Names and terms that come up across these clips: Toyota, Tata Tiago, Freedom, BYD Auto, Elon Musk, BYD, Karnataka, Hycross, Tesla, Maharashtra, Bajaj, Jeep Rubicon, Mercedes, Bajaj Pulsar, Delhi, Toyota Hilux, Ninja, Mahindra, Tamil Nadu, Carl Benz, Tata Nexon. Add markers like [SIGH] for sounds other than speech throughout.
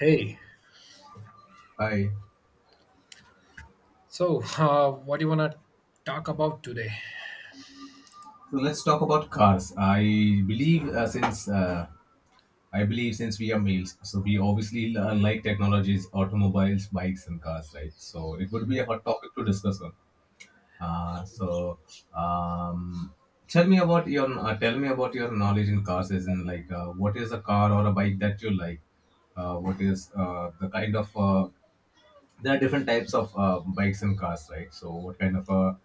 Hey, Hi. What do you want to talk about today? So let's talk about cars. I believe since we are males, so we obviously like technologies, automobiles, bikes, and cars, right? So it would be a hot topic to discuss on. So um, tell me about your tell me about your knowledge in cars, as in what is a car or a bike that you like? What is the kind of there are different types of bikes and cars, right? So what kind of a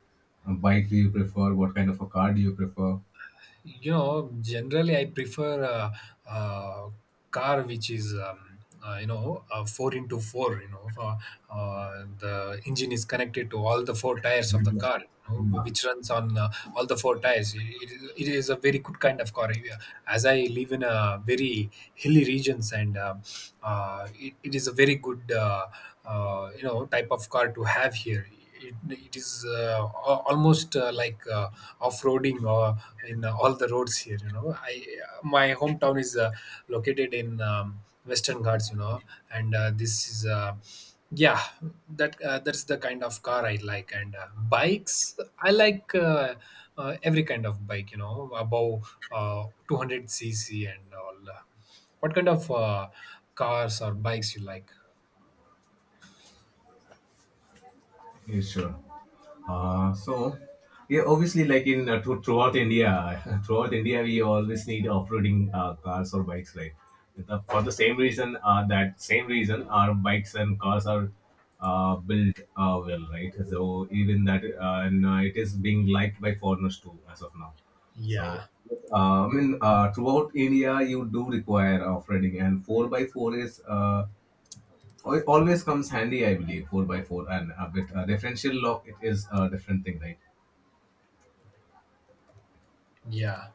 bike do you prefer? What kind of a car do you prefer? You know, generally I prefer a uh, uh, car which is, you know, four into four. You know, the engine is connected to all the four tires of the Yeah, car, you know, which runs on all the four tires. It is a very good kind of car. As I live in a very hilly regions, and it is a very good, you know, type of car to have here. It is almost like off-roading in all the roads here, you know. I My hometown is located in Western Ghats, you know, and this is yeah, that's the kind of car I like. And bikes I like, every kind of bike, you know, above 200 cc and all. What kind of cars or bikes you like? yeah, sure. Uh, so, yeah, obviously, like in throughout India, [LAUGHS] throughout India, we always need off-roading cars or bikes, right? For that same reason, our bikes and cars are built well, right? So even that, and it is being liked by foreigners too, as of now. Yeah, So, I mean, throughout India, you do require off-roading, and four by four is uh, Oh, It always comes handy, I believe. 4 by 4 and a bit. Differential lock, it is a different thing, right? yeah.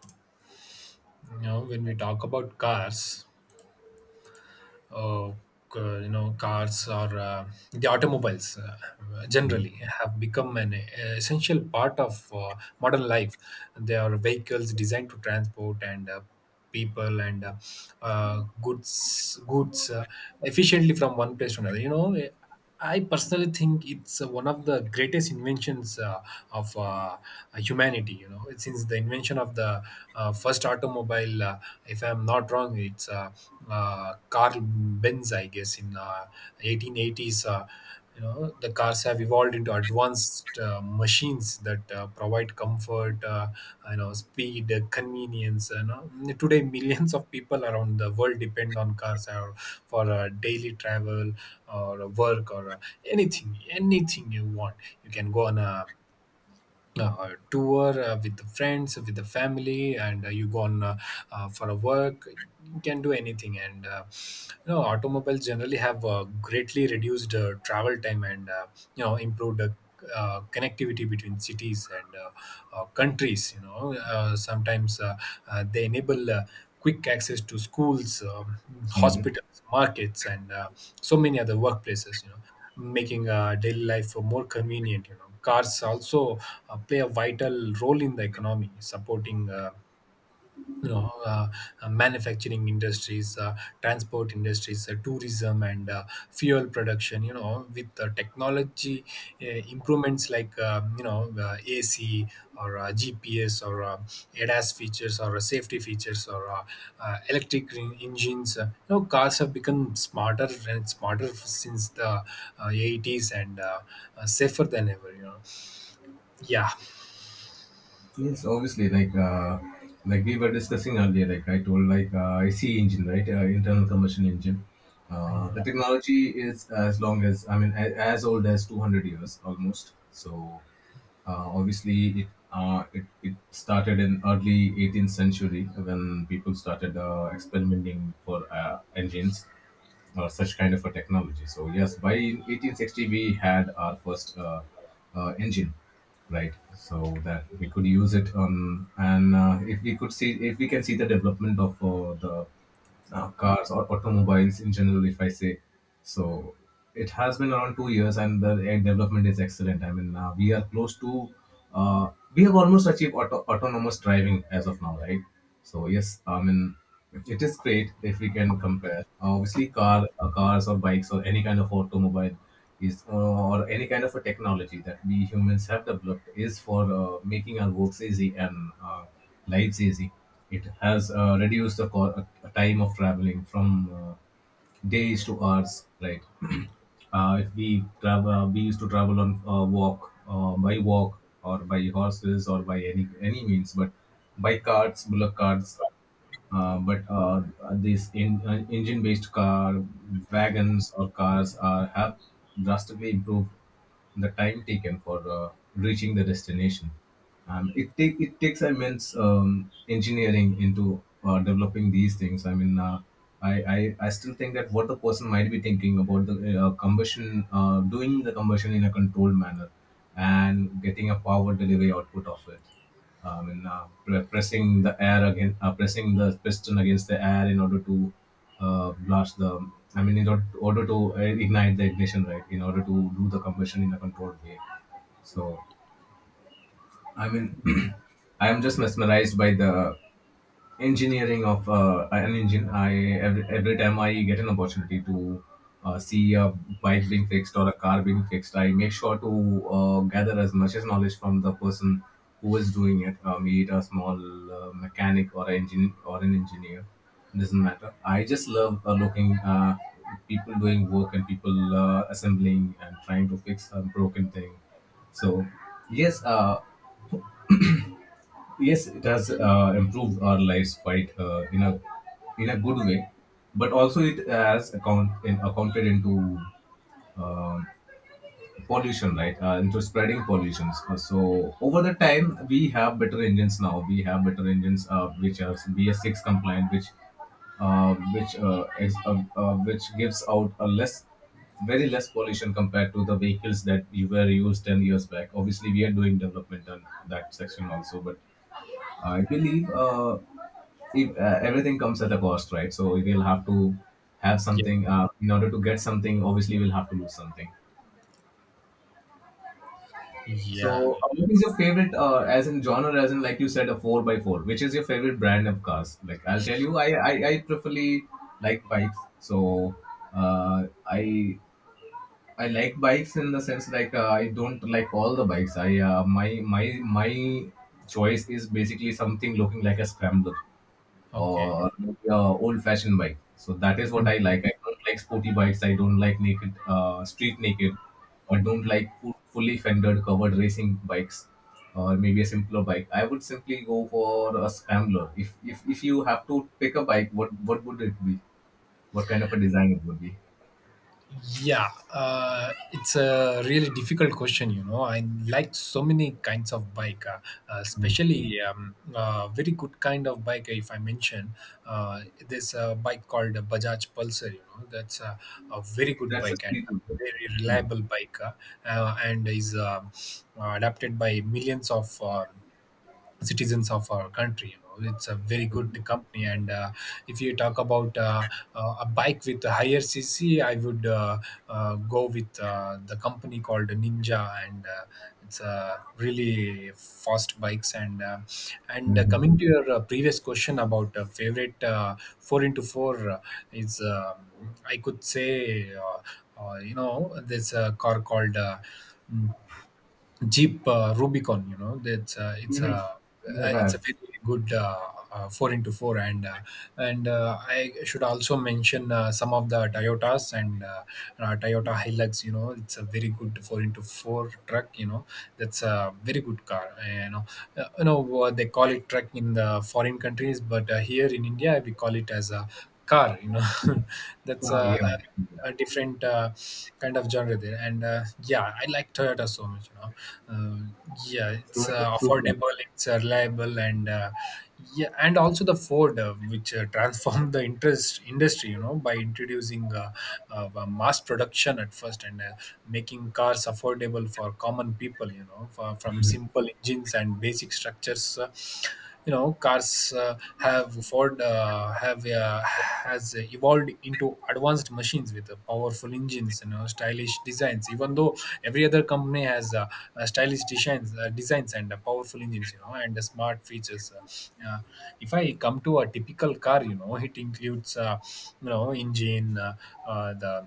You know, when we talk about cars, uh, you know, cars or the automobiles, Mhm. generally have become an essential part of modern life. They are vehicles designed to transport and people and goods efficiently from one place to another, you know. I personally think it's one of the greatest inventions of humanity. You know, since the invention of the first automobile, if I'm not wrong, it's Carl Benz, I guess, in 1880s. You know, the cars have evolved into advanced machines that provide comfort, you know, speed, convenience, you know. Today millions of people around the world depend on cars for daily travel or work or anything. Anything you want, you can go on a tour with the friends, with the family, and you go on for a work. You can do anything. And you know, automobiles generally have greatly reduced travel time and you know, improved connectivity between cities and countries, you know. Sometimes they enable quick access to schools, Hmm. hospitals, markets, and so many other workplaces, you know, making daily life more convenient. You know, cars also play a vital role in the economy, supporting, you know uh, manufacturing industries, transport industries, tourism, and fuel production, you know, with technology improvements like, you know, AC or GPS or ADAS features or safety features or engines. You know, cars have become smarter and smarter since the 80s and safer than ever, you know. Yeah, Yes, obviously, like we were discussing earlier, like I told, like IC engine, right, internal combustion engine. I The know. technology is as long as I mean, as old as 200 years almost. So obviously, it started in early eighteenth century when people started experimenting for engines, such kind of a technology. So yes, by 1860 we had our first engine, right? So that we could use it on. And if we can see the development of the cars or automobiles in general, if I say, so it has been around 2 years, and the development is excellent. I mean, we are close to, uh, we have almost achieved autonomous driving as of now, right? So yes, I mean it is great if we can compare. Obviously, cars or bikes or any kind of automobile is or any kind of a technology that we humans have developed is for making our works easy and lives easy. It has reduced the time of traveling from days to hours, right? [CLEARS THROAT] If we travel, We used to travel on by walk or by horses or by any means, but by carts, bullock carts. Uh, but uh, Engine-based car wagons or cars are have drastically improved the time taken for reaching the destination. It takes immense engineering into developing these things. I mean, I still think that what the person might be thinking about the combustion, doing the combustion in a controlled manner, and getting a power delivery output of it. I mean, pressing the air again, pressing the piston against the air in order to blast the. I mean, in order to, order to ignite the ignition, right? In order to do the combustion in a controlled way. So, I mean, [CLEARS THROAT] I am just mesmerized by the engineering of an engine. Every time I get an opportunity to see a bike being fixed or a car being fixed, I make sure to gather as much as knowledge from the person who is doing it, be it a small mechanic or an engineer. Doesn't matter. I just love looking people doing work and people assembling and trying to fix a broken thing. So yes. Yes, it has improved our lives quite in a good way, but also it has accounted into pollution, right? Into spreading pollutions. So over the time, we have better engines now. We have better engines which are BS6 compliant, which which gives out a less very less pollution compared to the vehicles that you were used 10 years back. Obviously, we are doing development on that section also, but I believe if everything comes at a cost, right? So we'll have to have Yeah, something in order to get something. Obviously, we'll have to lose something. yeah. So, what is your favorite, as in genre, as in like you said, a four by four? Which is your favorite brand of cars? Like I'll tell you, I preferly like bikes. So uh, I I like bikes in the sense I don't like all the bikes. I my my my choice is basically something looking like a scrambler, Okay. or maybe a old-fashioned bike. So that is what I Hmm. like. I don't like sporty bikes. I don't like naked, street naked. I don't like fully fendered, covered racing bikes, or maybe a simpler bike. I would simply go for a scrambler. If you have to pick a bike, what would it be? What kind of a design it would be? Yeah, it's a really difficult question, you know. I like so many kinds of bike, especially, very good kind of bike. If I mention, there's a bike called a Bajaj Pulsar, you know. That's a very good That's a bike and street a naker. very reliable bike, and is adapted by millions of. Citizens of our country. You know, it's a very good company. And if you talk about a bike with a higher CC, I would go with the company called Ninja, and it's really fast bikes. And Mhm. coming to your previous question about favorite four into four is, um, I could say. You know, there's a car called Jeep Rubicon. You know, that's Mhm. It's Yeah. a very good four into four. And I should also mention some of the Toyotas and Toyota Hilux. You know, it's a very good four into four truck. You know, that's a very good car. You know what, they call it truck in the foreign countries, but here in India we call it as a car. You know, [LAUGHS] that's Ah, yeah. A different kind of genre there. And yeah, I like Toyota so much, you know. uh, yeah, So, it's Supra. affordable, it's reliable, and yeah. And also the Ford, which [LAUGHS] transformed the interest industry, you know, by introducing mass production at first and making cars affordable for common people, you know, for, from simple engines and basic structures. You know, cars have ford have has evolved into advanced machines with powerful engines and stylish designs. Even though every other company has stylish designs and powerful engines, you know, and smart features. If I come to a typical car, you know, it includes, you know, engine, uh, the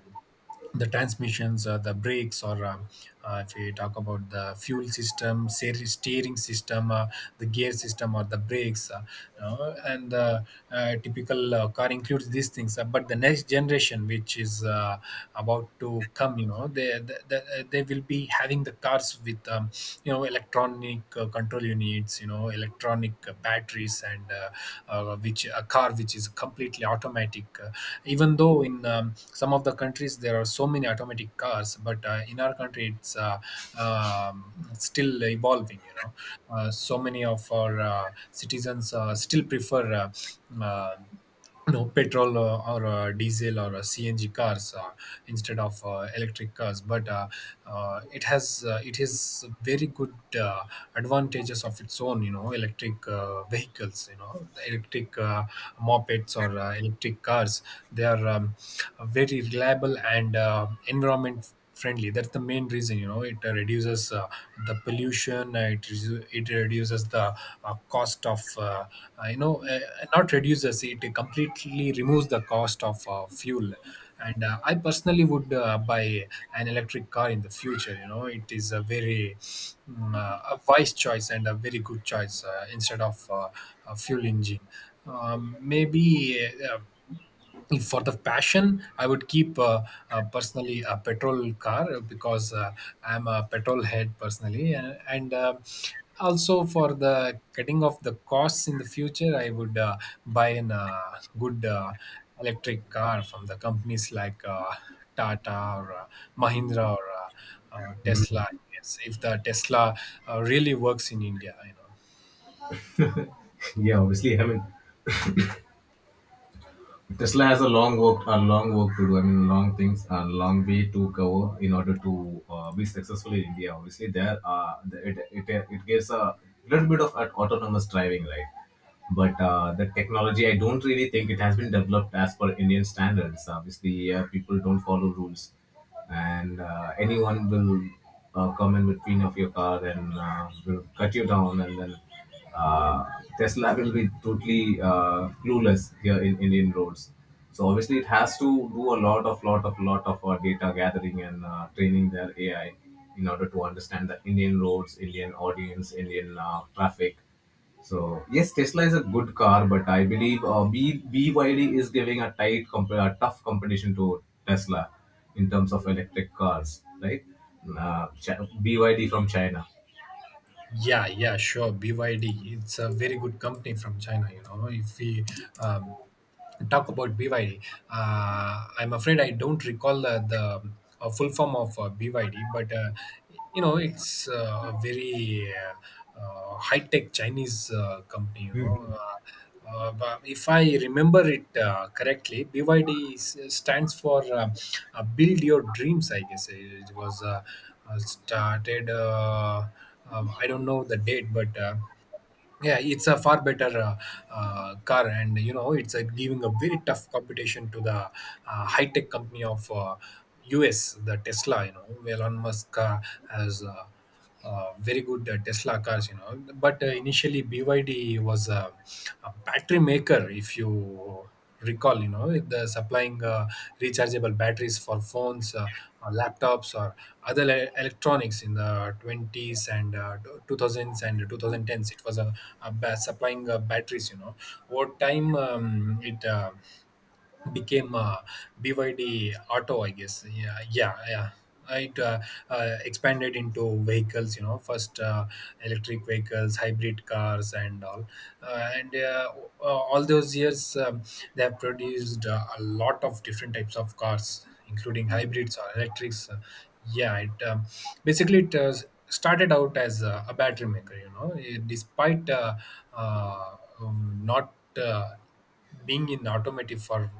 the transmissions or the brakes or, if we talk about the steering system, the gear system or the brakes, and typical car includes these things. But the next generation which is about to come, you know, they will be having the cars with, you know, electronic control units, you know, electronic batteries, and which a car which is completely automatic. Even though in, some of the countries there are so many automatic cars, but in our country it's um, still evolving, you know. So many of our citizens still prefer you know, petrol or diesel or CNG cars instead of electric cars. But it has very good uh, advantages of its own. You know, electric vehicles. You know, electric mopeds or electric cars. They are very reliable and environment friendly. That's the main reason, you know. It reduces the pollution. It reduces the cost of you know, not reduces, it completely removes the cost of fuel. And I personally would buy an electric car in the future, you know. It is a very a wise choice and a very good choice instead of a fuel engine. Maybe uh, if for the passion, I would keep personally a petrol car, because I'm a petrol head personally. And also for the cutting of the costs in the future, I would buy an good electric car from the companies like Tata or Mahindra or Mhm. Tesla. Yes, if the Tesla really works in India, you know. Yeah, obviously, I mean, Tesla has a long work to do. I mean, long things, a long way to cover in order to be successful in India. Obviously, there, the- it gives a little bit of an autonomous driving, right? But the technology, I don't really think it has been developed as per Indian standards. Obviously, people don't follow rules, and anyone will come in between of your car and will cut you down, and then uh, Tesla will be totally clueless here in Indian roads. So obviously, it has to do a lot of lot of lot of data gathering and training their AI in order to understand the Indian roads, Indian audience, Indian traffic. So yes, Tesla is a good car, but I believe B BYD is giving a tough competition to Tesla in terms of electric cars, right? BYD from China. Yeah, yeah, sure. BYD, it's a very good company from China. You know, if we, um, talk about BYD. I'm afraid I don't recall the full form of BYD, but you know, it's a very high-tech Chinese company. You know, Mhm. But if I remember it correctly, BYD stands for Build Your Dreams. I guess it was started. I don't know the date, but yeah, it's a far better car. And you know, it's giving a very tough competition to the high tech company of US, the Tesla. You know, Elon Musk has very good Tesla cars. You know, but initially BYD was a battery maker. If you recall, you know, the supplying rechargeable batteries for phones or laptops or electronics in the 20s and 2000s and 2010s. It was a, supplying batteries, you know. Over time, it became BYD Auto, I guess. Yeah, yeah, yeah. It expanded into vehicles, you know, first electric vehicles, hybrid cars, and all. And All those years, they have produced a lot of different types of cars, including hybrids or electrics. Yeah, it, basically it started out as a battery maker, you know. Despite not. Being in automotive for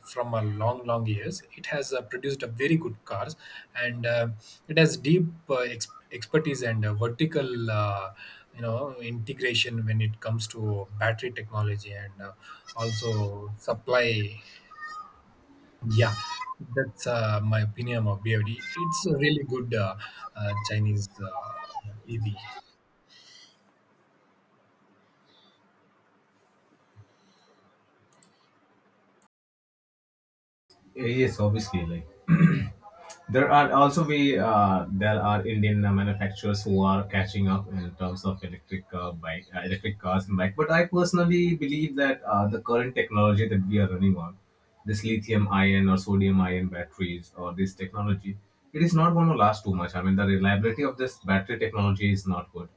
from a long long years, it has produced a very good cars. And it has deep expertise and vertical, you know, integration when it comes to battery technology and also supply. Yeah, that's my opinion of BYD. It's a really good Chinese EV. Yes, obviously, like there are Indian manufacturers who are catching up in terms of electric cars and bike. But I personally believe that the current technology that we are running on, this lithium ion or sodium ion batteries or this technology, it is not going to last too much. I mean, the reliability of this battery technology is not good.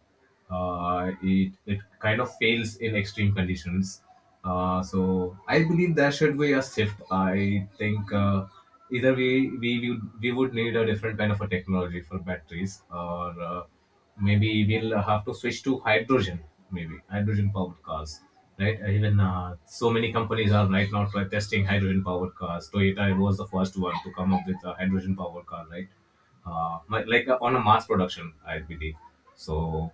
It it kind of fails in extreme conditions. So I believe there should be a shift. I think either we would need a different kind of a technology for batteries, or maybe we'll have to switch to hydrogen, maybe hydrogen powered cars. Right? Even so many companies are right now testing hydrogen powered cars. Toyota was the first one to come up with a hydrogen powered car, right? On a mass production, I believe. So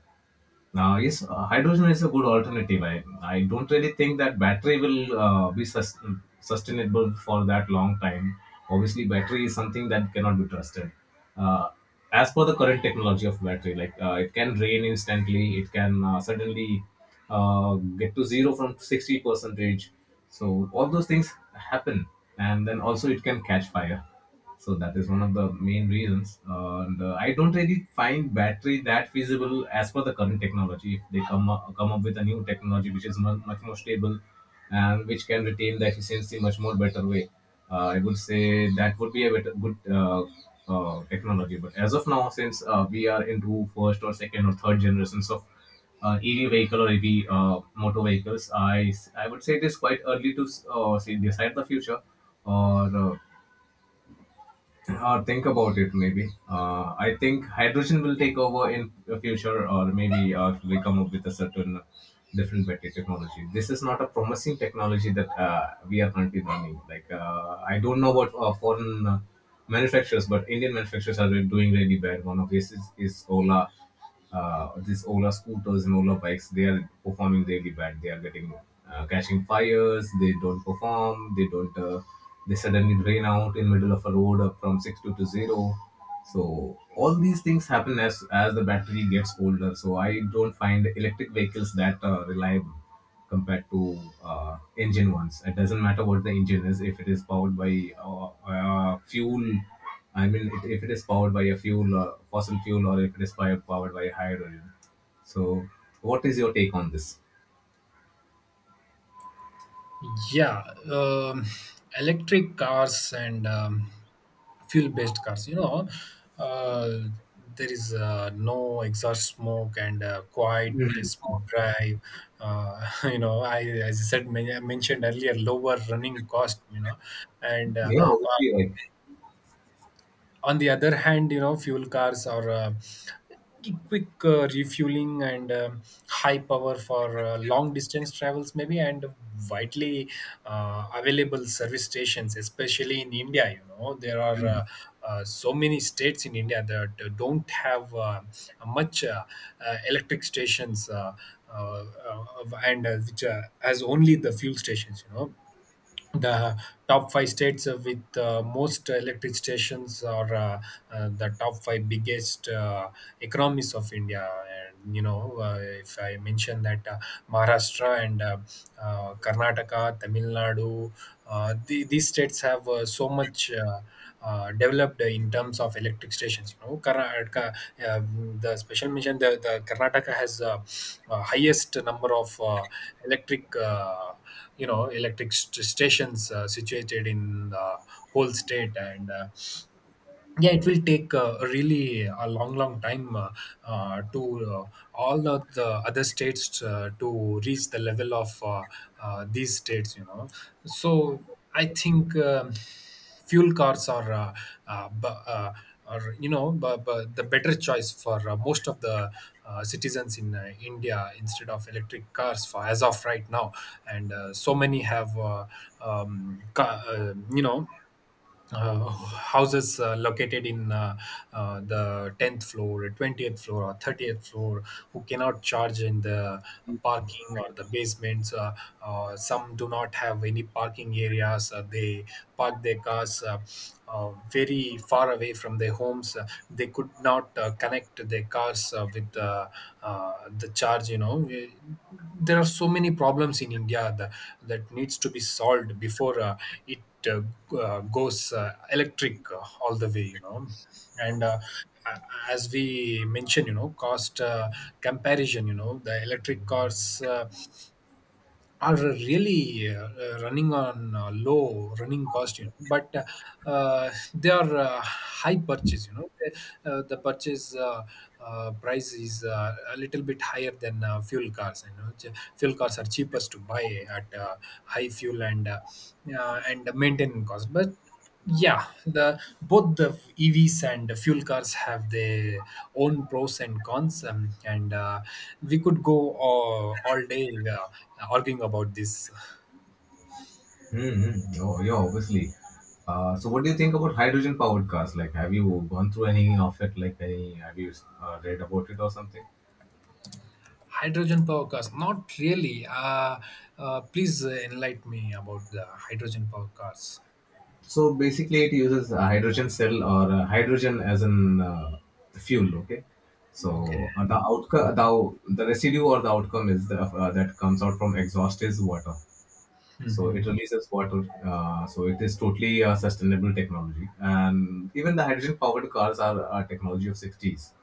now, yes, hydrogen is a good alternative. I don't really think that battery will be sustainable for that long time. Obviously, battery is something that cannot be trusted. Uh, as per the current technology of battery, it can drain instantly, it can suddenly get to zero from 60 percentage. So all those things happen, and then also it can catch fire, so that is one of the main reasons. And I don't really find battery that feasible as per the current technology. If they come up with a new technology which is much more stable and which can retain the efficiency much more better way, I would say that would be a better, good technology. But as of now, since we are into first or second or third generations of EV vehicle or EV motor vehicles, I would say it is quite early to s- say decide the future or think about it, maybe. I think hydrogen will take over in the future, or maybe they come up with a certain different battery technology. This is not a promising technology that we are currently running. Like I don't know what foreign manufacturers, but Indian manufacturers are doing really bad. One of this is Ola. These Ola scooters and Ola bikes, they are performing really bad. They are getting catching fires. They don't perform. They don't. They suddenly drain out in middle of a road up from six to zero. So all these things happen as the battery gets older. So I don't find electric vehicles that reliable compared to engine ones. It doesn't matter what the engine is, if it is powered by fuel. If it is powered by a fuel, fossil fuel, or if it is powered by hydrogen. So, what is your take on this? Yeah, um, electric cars and fuel based cars uh, there is no exhaust smoke and quiet Mhm. smooth drive uh, [LAUGHS] you know I as I said men- I mentioned earlier lower running cost. And Yeah, obviously, right. on the other hand, fuel cars are quick refueling and high power for long distance travels maybe, and widely available service stations, especially in India. There are Mm-hmm. So many states in india that don't have much electric stations uh, and which has only the fuel stations. The top five states with most electric stations are the top five biggest economies of India. And you know, if I mention that Maharashtra and Karnataka, Tamil Nadu, these states have so much. Developed in terms of electric stations. You know, Karnataka, uh, the special mention, the Karnataka has highest number of electric, electric stations situated in the whole state. And yeah, it will take really a long long time to uh, all of the other states to reach the level of these states. So I think fuel cars are b- are you know b- b- the better choice for most of the citizens in India instead of electric cars for as of right now, and so many have um, ca- uh, you know houses located in the 10th floor, 20th floor, or 30th floor, who cannot charge in the parking or the basements. Some do not have any parking areas. They park their cars very far away from their homes. They could not connect their cars with uh, the charge. There are so many problems in India that, that needs to be solved before it uh, goes electric all the way. and uh, a- as we mentioned, you know, cost comparison, you know, the electric cars are really running on low running cost, you know, but they are high purchase, you know, the purchase price is a little bit higher than fuel cars, you know. Fuel cars are cheapest to buy at high fuel and maintenance cost. But yeah, the both the EVs and the fuel cars have their own pros and cons, and we could go all day arguing about this. Mm-hmm. Oh, yeah, obviously. So, what do you think about hydrogen powered cars? Like, have you gone through any of it? Like, any have you read about it or something? Hydrogen power cars, not really. Please enlighten me about the hydrogen power cars. So basically, it uses a hydrogen cell or hydrogen as an fuel. Okay, Okay. so the outcome, the residue or the outcome is that comes out from exhaust is water. So Mhm. it releases water. So it is totally a sustainable technology, and even the hydrogen powered cars are a technology of 60s.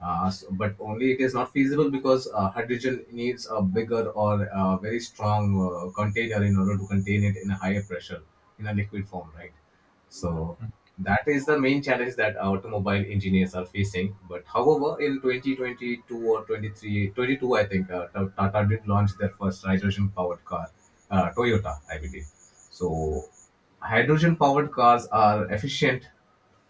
But only it is not feasible because hydrogen needs a bigger or a very strong container in order to contain it in a higher pressure in a liquid form, right? So that is the main challenge that automobile engineers are facing. But however, in 2022 or 23 22, I think Tata did launch their first hydrogen powered car, Toyota, I believe. So hydrogen powered cars are efficient.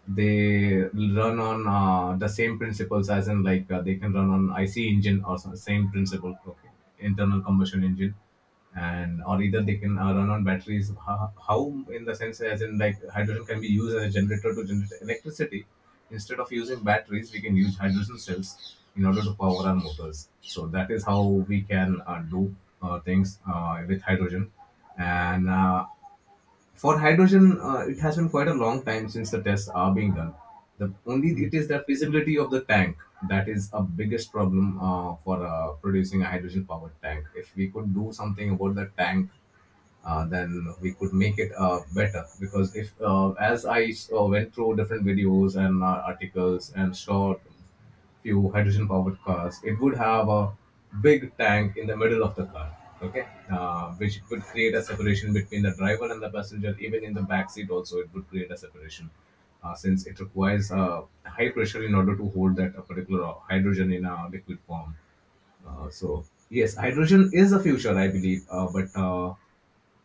They run on the same principles as in like they can run on IC engine or some same principle, okay, internal combustion engine, and or either they can run on batteries. How in the sense as in like hydrogen can be used as a generator to generate electricity. Instead of using batteries, we can use hydrogen cells in order to power our motors. So that is how we can do things with hydrogen. And For hydrogen, it has been quite a long time since the tests are being done. The only it Mm. is the feasibility of the tank that is a biggest problem for producing a hydrogen powered tank. If we could do something about the tank, then we could make it better, because if as I went through different videos and articles and saw few hydrogen powered cars, it would have a big tank in the middle of the car. Okay, which would create a separation between the driver and the passenger. Even in the back seat also it would create a separation, since it requires high pressure in order to hold that particular hydrogen in a liquid form. So yes, hydrogen is the future, I believe, but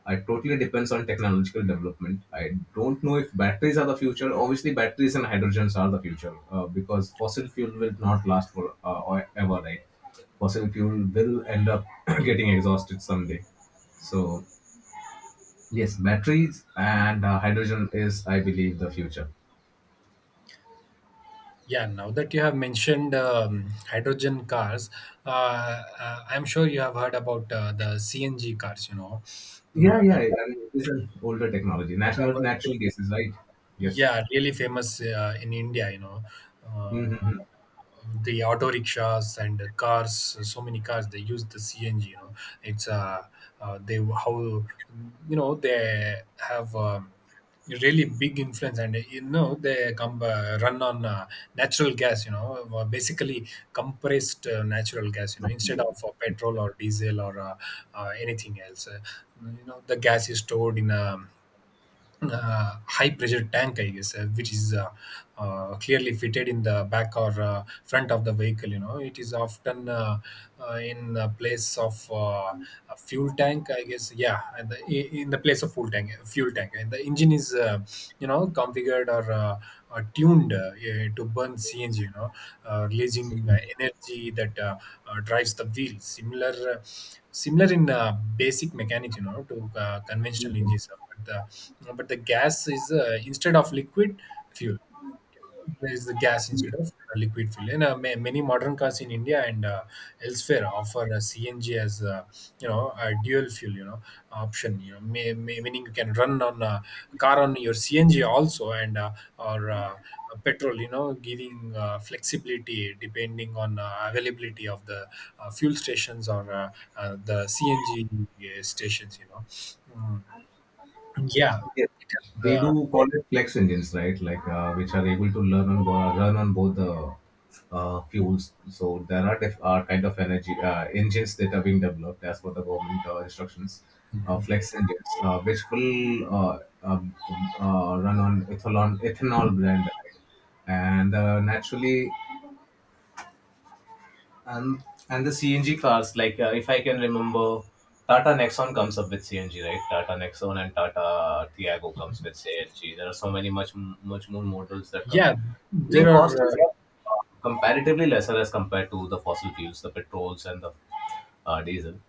it totally depends on technological development. I don't know if batteries are the future. Obviously, batteries and hydrogens are the future because fossil fuel will not last for ever, right? Fossil fuel will end up [CLEARS THROAT] getting exhausted someday. So yes, batteries and hydrogen is, I believe, the future. Yeah, now that you have mentioned hydrogen cars, I'm sure you have heard about the CNG cars, you know, Yeah, yeah. I that mean, it is an older technology. Natural, uh, natural gases, right? Yes. yeah, really famous in India, you know. Uh, the auto rickshaws and the cars, so many cars, they use the CNG, you know. It's they how you know they have really big influence, and you know they come run on natural gas, you know, basically compressed natural gas, you know, instead of petrol or diesel or anything else. You know, the gas is stored in a high pressure tank, I guess, which is clearly fitted in the back or front of the vehicle, you know. It is often in the place of a fuel tank, I guess. Yeah, and in the place of fuel tank, and the engine is you know configured or tuned to burn CNG, you know, releasing Mm-hmm. Energy that drives the wheel, similar in basic mechanics, you know, to conventional engines, but the gas is instead of liquid fuel there is the gas instead of liquid fuel. And many modern cars in india and elsewhere offer CNG as you know a dual fuel, you know, option, you know, meaning you can run on a car on your cng also, and or petrol, you know, giving flexibility depending on availability of the fuel stations or the CNG stations, you know. Mm, yeah, Yes. it has, They do call it flex engines, right? Like which are able to run on both the fuels. So there are kind of energy engines that are being developed as per the government instructions. Flex engines, which will run on ethanol blend, right? and naturally and and the CNG cars, like if I can remember, Tata Nexon comes up with CNG, right? Tata Nexon and Tata Tiago comes with CNG. There are so many much more models that come. yeah, Running there cost are. is comparatively lesser as compared to the fossil fuels, the petrols and the diesel,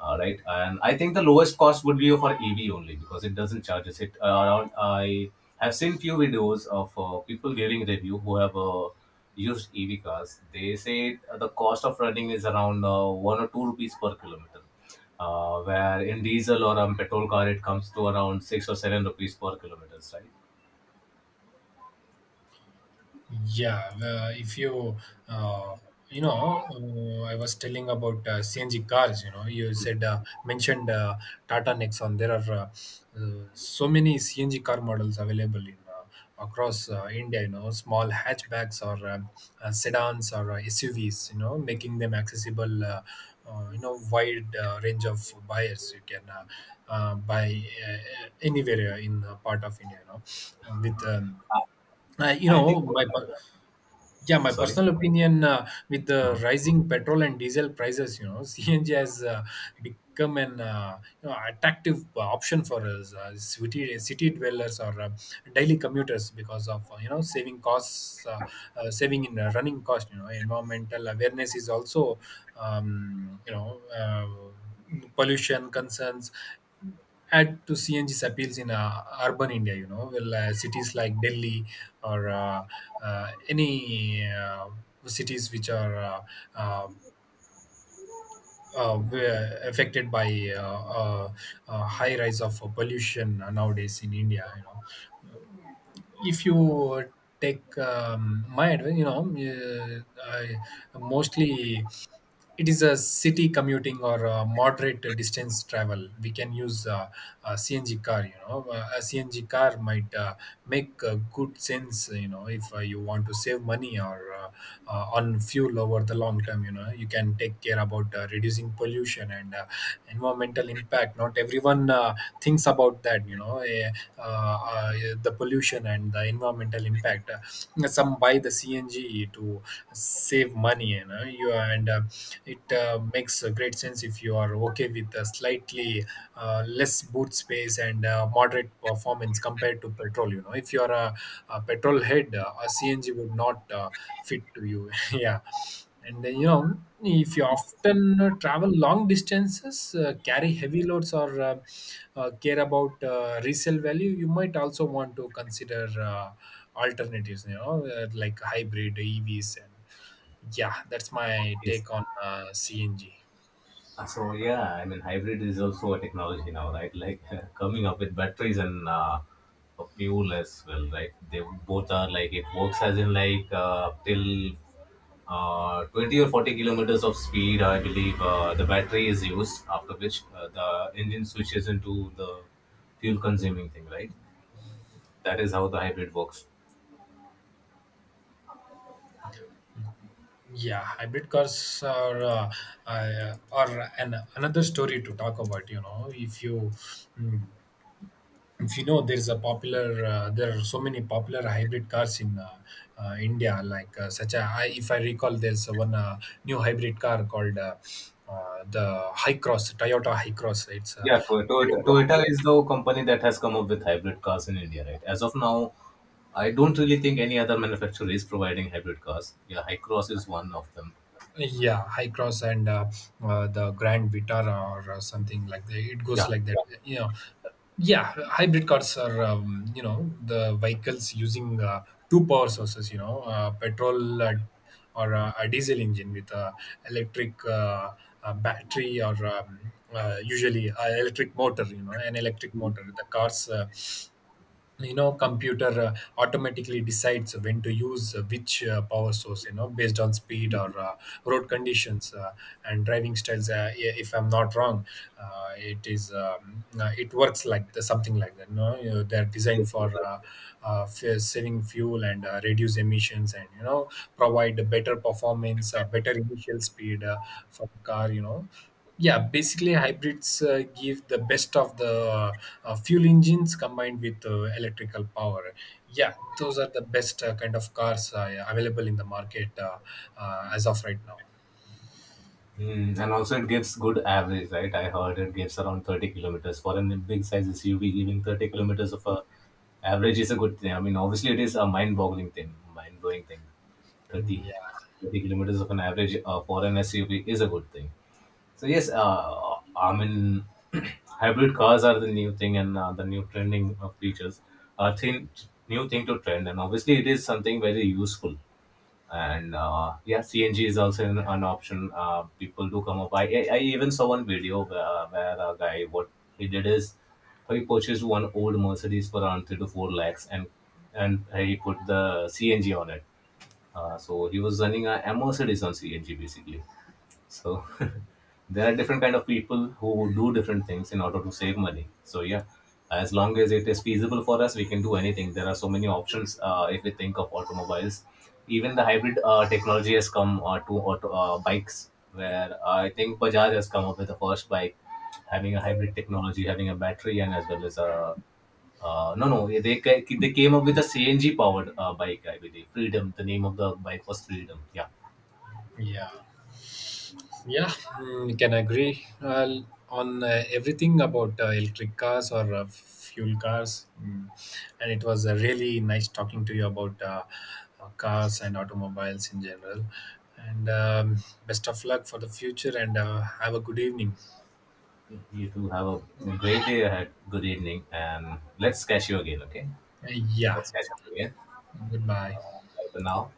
right? And I think the lowest cost would be for EV only, because it doesn't charge us. It Around, I have seen few videos of people giving review who have used EV cars. They say the cost of running is around 1 or 2 rupees per kilometer. Where in diesel or petrol car it comes to around 6 or 7 rupees per kilometer, right? Yeah, if you uh, you know, I was telling about CNG cars. You know, you said mentioned Tata Nexon. There are so many CNG car models available in across India. You know, small hatchbacks or sedans or SUVs. You know, making them accessible. You know, wide range of buyers. You can buy anywhere in part of India. You know, with you I think. know, my yeah, my Sorry. personal opinion, with the rising petrol and diesel prices, you know, [LAUGHS] CNG has become an you know, attractive option for us, city dwellers or daily commuters, because of you know saving costs, saving in running cost. You know, environmental awareness is also, you know. Pollution concerns add to CNG's appeals in urban India, you know, well, cities like Delhi or any cities which are uh, were affected by high rise of pollution nowadays in India, you know. If you take my advice, you know, I mostly it is a city commuting or moderate distance travel, we can use a CNG car. You know, a CNG car might make good sense. You know, if you want to save money or on fuel over the long term, you know, you can take care about reducing pollution and environmental impact. Not everyone thinks about that, you know, uh, uh, the pollution and the environmental impact. Some buy the CNG to save money, you know. You and It makes a great sense if you are okay with a slightly less boot space and moderate performance compared to petrol, you know. If you are a petrol head, a cng would not fit to you. [LAUGHS] Yeah, and you know, if you often travel long distances, carry heavy loads, or care about resale value, you might also want to consider alternatives. You know, like hybrid EVs. And yeah, that's my Yes. take on CNG. So yeah, I mean, hybrid is also a technology now, right? Like [LAUGHS] coming up with batteries and a fuel as well, right? They both are like it works as in like till 20 or 40 kilometers of speed, I believe the battery is used, after which the engine switches into the fuel consuming thing, right? That is how the hybrid works. Yeah, hybrid cars are another story to talk about. You know, mm, if you know, there's a popular there are so many popular hybrid cars in india, like such a I, if I recall, there's one new hybrid car called the high cross toyota high cross. It's a Toyota. Toyota is the company that has come up with hybrid cars in India, right? As of now, I don't really think any other manufacturer is providing hybrid cars. Yeah, Hycross is one of them. yeah high cross and the grand vitar, or something like that, it Yeah. goes like that, you know. Yeah, hybrid cars are, you know, the vehicles using two power sources, you know, petrol or a diesel engine with a electric battery or usually a electric motor, you know. An electric motor, the cars you know computer automatically decides when to use which power source, you know, based on speed or road conditions and driving styles, if I'm not wrong. It is it works like the, something like that, no, you know, they're Yes, designed yes. for saving fuel and reduce emissions, and you know, provide better performance, better initial speed for the car, you know. Yeah, basically hybrids give the best of the fuel engines combined with electrical power. Yeah, those are the best kind of cars available in the market, as of right now. Mm, and also it gives good average, right? I heard it gives around 30 kilometers for a big size SUV. Giving 30 kilometers of a average is a good thing. I mean, obviously it is a mind-boggling thing, mind-blowing thing. Mm, Thirty, yeah. 30 kilometers of an average for an SUV is a good thing. So yes, I mean, [CLEARS THROAT] hybrid cars are the new thing, and the new trending of features, uh, thing, new thing to trend, and obviously it is something very useful. And yeah, CNG is also an option. People do come up. I even saw one video where a guy what he did is he purchased one old Mercedes for around three to four lakhs, and he put the CNG on it. So he was running a Mercedes on CNG basically, so [LAUGHS] there are different kind of people who do different things in order to save money. So yeah, as long as it is feasible for us, we can do anything. There are so many options. If we think of automobiles, even the hybrid technology has come to auto bikes, where I think Bajaj has come up with the first bike having a hybrid technology, having a battery, and as well as a no, no, they ca- they came up with a CNG powered bike, I believe. Freedom, the name of the bike was Freedom. Yeah. Yeah. Yeah, mm, can agree on everything about electric cars or fuel cars. Mm. And it was really nice talking to you about cars and automobiles in general. And best of luck for the future, and have a good evening. You too have a great day ahead. Good evening, and let's catch you again. Okay, Yeah, let's catch up again. goodbye. Bye for now.